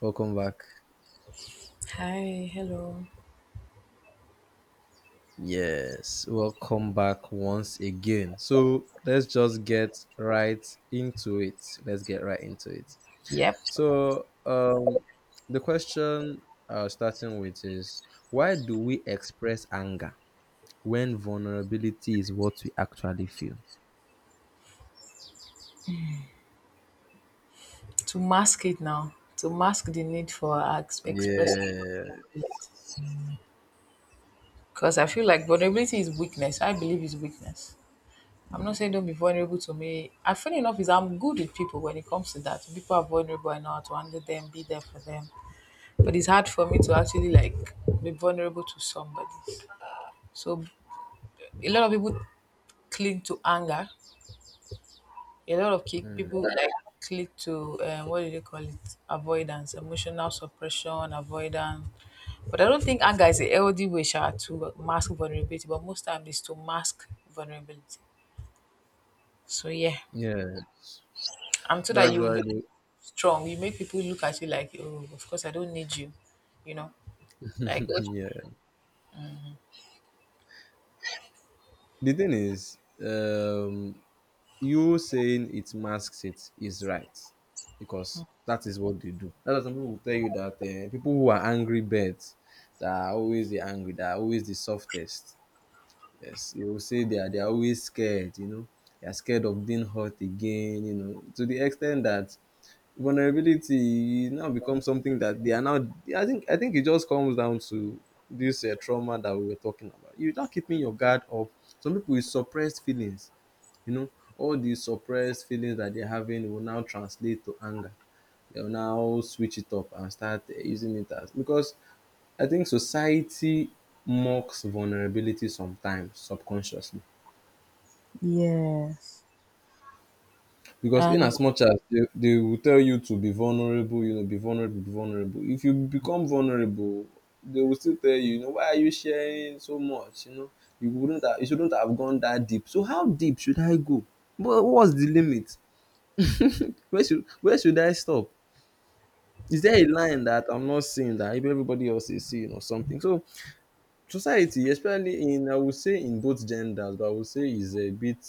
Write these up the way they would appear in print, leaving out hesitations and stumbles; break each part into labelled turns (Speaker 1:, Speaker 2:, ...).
Speaker 1: Welcome back.
Speaker 2: Hi, hello.
Speaker 1: Yes, welcome back once again. So let's just get right into it. Let's get right into it.
Speaker 2: Yep.
Speaker 1: So, um, the question starting with is, why do we express anger when vulnerability is what we actually feel?
Speaker 2: To mask it now, to mask the need for express,
Speaker 1: Yeah,
Speaker 2: because I feel like vulnerability is weakness. I believe is weakness. I'm not saying don't be vulnerable to me. I feel enough is I'm good with people when it comes to that. People are vulnerable, I know how to handle them, be there for them. But it's hard for me to actually like be vulnerable to somebody. So a lot of people cling to anger a lot of kick, people like click to what do they call it? Avoidance, emotional suppression, avoidance. But I don't think anger is a healthy way sha, to mask vulnerability. But most time is to mask vulnerability. So yeah,
Speaker 1: yes,
Speaker 2: I'm sure that
Speaker 1: that's
Speaker 2: you will
Speaker 1: why.
Speaker 2: be strong. You make people look at you like, oh, of course I don't need you. You know, like.
Speaker 1: Yeah, the thing is, um, you saying it masks it is right because that is what they do. That's why some people will tell you that people who are angry birds that are always that are always the softest. Yes, you will say they are always scared. You know, they are scared of being hurt again. You know, to the extent that vulnerability now becomes something that they are now. I think it just comes down to this trauma that we were talking about. You're not keeping your guard up. Some people with suppressed feelings, you know, all these suppressed feelings that they're having will now translate to anger. They'll now switch it up and start using it as, because I think society mocks vulnerability sometimes subconsciously.
Speaker 2: Yes.
Speaker 1: Because in
Speaker 2: And
Speaker 1: as much as they will tell you to be vulnerable, you know, be vulnerable, be vulnerable. If you become vulnerable, they will still tell you, you know, why are you sharing so much? You know, you shouldn't have gone that deep. So how deep should I go? But what's the limit? Where should I stop? Is there a line that I'm not seeing that maybe everybody else is seeing or something? So society, especially in, I would say in both genders, but I would say is a bit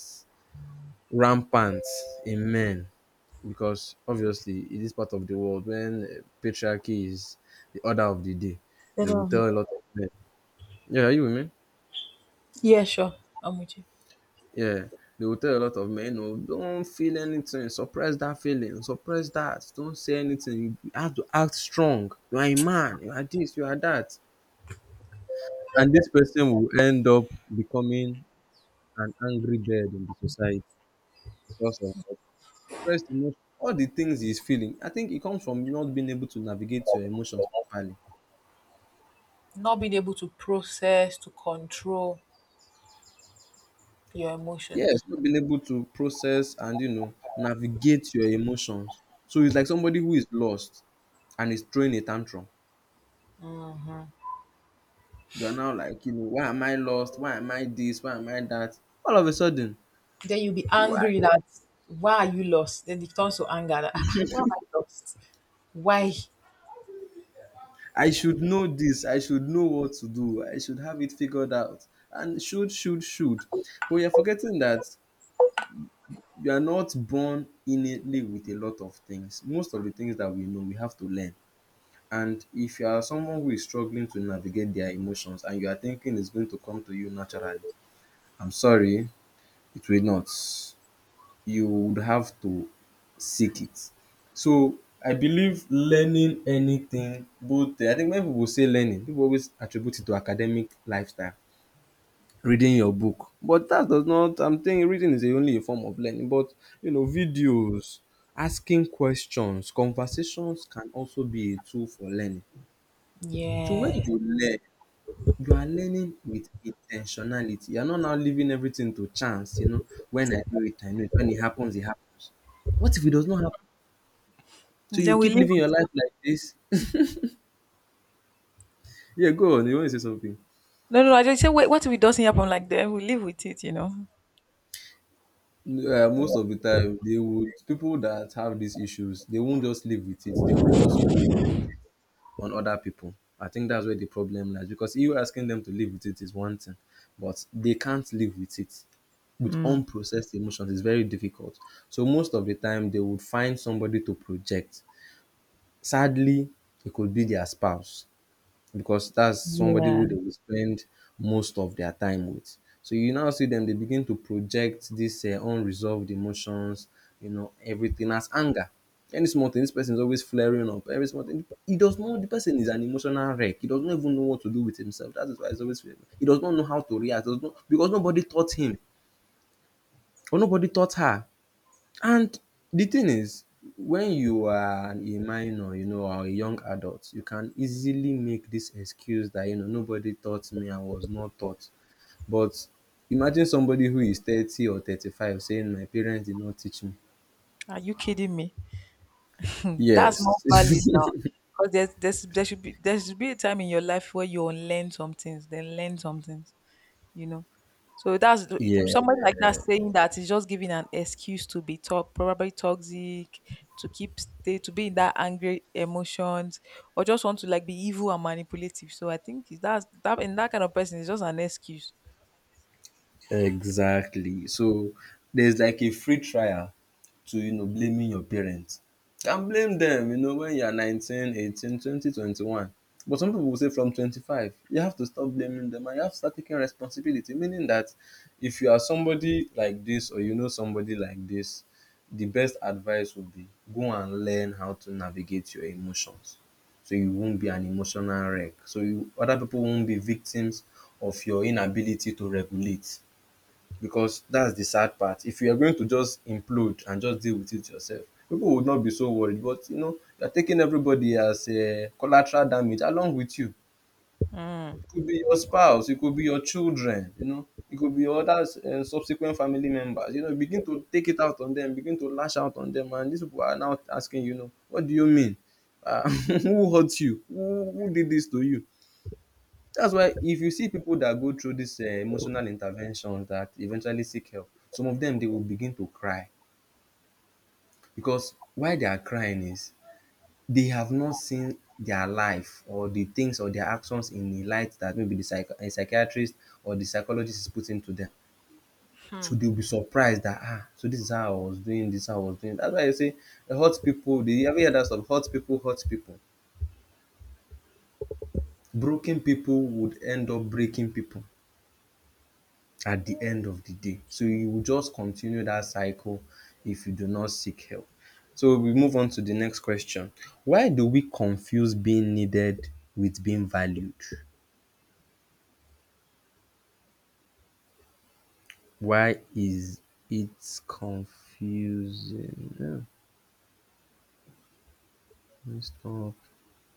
Speaker 1: rampant in men, because obviously in this part of the world when patriarchy is the order of the day, they
Speaker 2: instead
Speaker 1: will
Speaker 2: of
Speaker 1: tell a lot of men, yeah, you with me?
Speaker 2: yeah, sure, I'm with you.
Speaker 1: Yeah, they will tell a lot of men, no, don't feel anything, suppress that feeling, suppress that, don't say anything, you have to act strong, you are a man, you are this, you are that. And this person will end up becoming an angry bird in the society because of suppressed emotion, all the things he's feeling. I think it comes from not being able to navigate your emotions properly.
Speaker 2: Not being able to process to control your emotions.
Speaker 1: Yes, not being able to process and, you know, navigate your emotions. So it's like somebody who is lost and is throwing a tantrum. You are now like, you know, why am I lost? Why am I this? Why am I that? All of a sudden,
Speaker 2: Then you'll be
Speaker 1: you are,
Speaker 2: angry that why are you lost? Then it turns to anger that ah, why am I lost? Why?
Speaker 1: I should know this. I should know what to do. I should have it figured out. And should, should. But you're forgetting that you are not born innately with a lot of things. Most of the things that we know, we have to learn. And if you are someone who is struggling to navigate their emotions and you are thinking it's going to come to you naturally, I'm sorry, it will not. You would have to seek it. So I believe learning anything, both, I think when people say learning, people always attribute it to academic lifestyle, reading your book. But that does not, I'm saying reading is only a form of learning. But you know, videos, asking questions, conversations can also be a tool for learning. So when
Speaker 2: Yeah.
Speaker 1: you learn, you are learning with intentionality. You are not now leaving everything to chance, you know, when I do it, I know it. When it happens, it happens. What if it does not happen? So you
Speaker 2: Then we
Speaker 1: keep
Speaker 2: live
Speaker 1: living your
Speaker 2: with it.
Speaker 1: life like this? Yeah, go on. You want to say something?
Speaker 2: No, no, no, I just say, wait, what if it doesn't happen like that? We live with it, you know.
Speaker 1: Most of the time, they would, people that have these issues, they won't just live with it. They will also project it on other people. I think that's where the problem lies, because you asking them to live with it is one thing, but they can't live with it. With
Speaker 2: Mm.
Speaker 1: unprocessed emotions is very difficult. So most of the time they would find somebody to project. Sadly, it could be their spouse because that's somebody
Speaker 2: Yeah.
Speaker 1: who they will spend most of their time with. So you now see them, they begin to project these unresolved emotions, you know, everything as anger. Any small thing, this person is always flaring up. Every small thing, he does not. The person is an emotional wreck. He does not even know what to do with himself. That is why he's always flaring. He does not know how to react. Does not, because nobody taught him or nobody taught her. And the thing is, when you are a minor, you know, or a young adult, you can easily make this excuse that, you know, nobody taught me, I was not taught. But imagine somebody who is 30 or 35 saying, my parents did not teach me.
Speaker 2: Are you kidding me? That's not
Speaker 1: Yes.
Speaker 2: valid now. Because there should be a time in your life where you unlearn some things, then learn some things. You know. So that's
Speaker 1: yeah.
Speaker 2: somebody like that saying that is just giving an excuse to be talk probably toxic, to keep stay to be in that angry emotions, or just want to like be evil and manipulative. So I think that's that in that kind of person is just an excuse.
Speaker 1: Exactly. So there's like a free trial to, you know, blaming your parents. Can blame them, you know, when you're 19, 18, 20, 21. But some people will say from 25, you have to stop blaming them and you have to start taking responsibility. Meaning that if you are somebody like this or you know somebody like this, the best advice would be, go and learn how to navigate your emotions. So you won't be an emotional wreck. So you, other people won't be victims of your inability to regulate. Because that's the sad part. If you are going to just implode and just deal with it yourself, people would not be so worried. But you know, you're taking everybody as a collateral damage along with you.
Speaker 2: Mm.
Speaker 1: It could be your spouse, it could be your children, you know, it could be other subsequent family members. You know, begin to take it out on them, begin to lash out on them, and these people are now asking, you know, what do you mean? Who hurt you? Who did this to you? That's why if you see pipu dat go through dis emotional intervention dat eventually seek help, some of dem dey will begin to cry because why they are crying is they have not seen their life or the things or their actions in a light dat maybe the psych a psychiatrist or the psychologist is putting to dem.
Speaker 2: Hmm.
Speaker 1: So they will be surprised dat so dis is how I was doing dis, how I was doing dat. That's why I say hurt pipu, have you heard dat song, hurt pipu, broken pipu would end up breaking pipu at the end of the day. So you will just continue that cycle if you do not seek help. So we move on to the next question. Why do we confuse being needed with being valued? Why is it confusing? Hmm, let's talk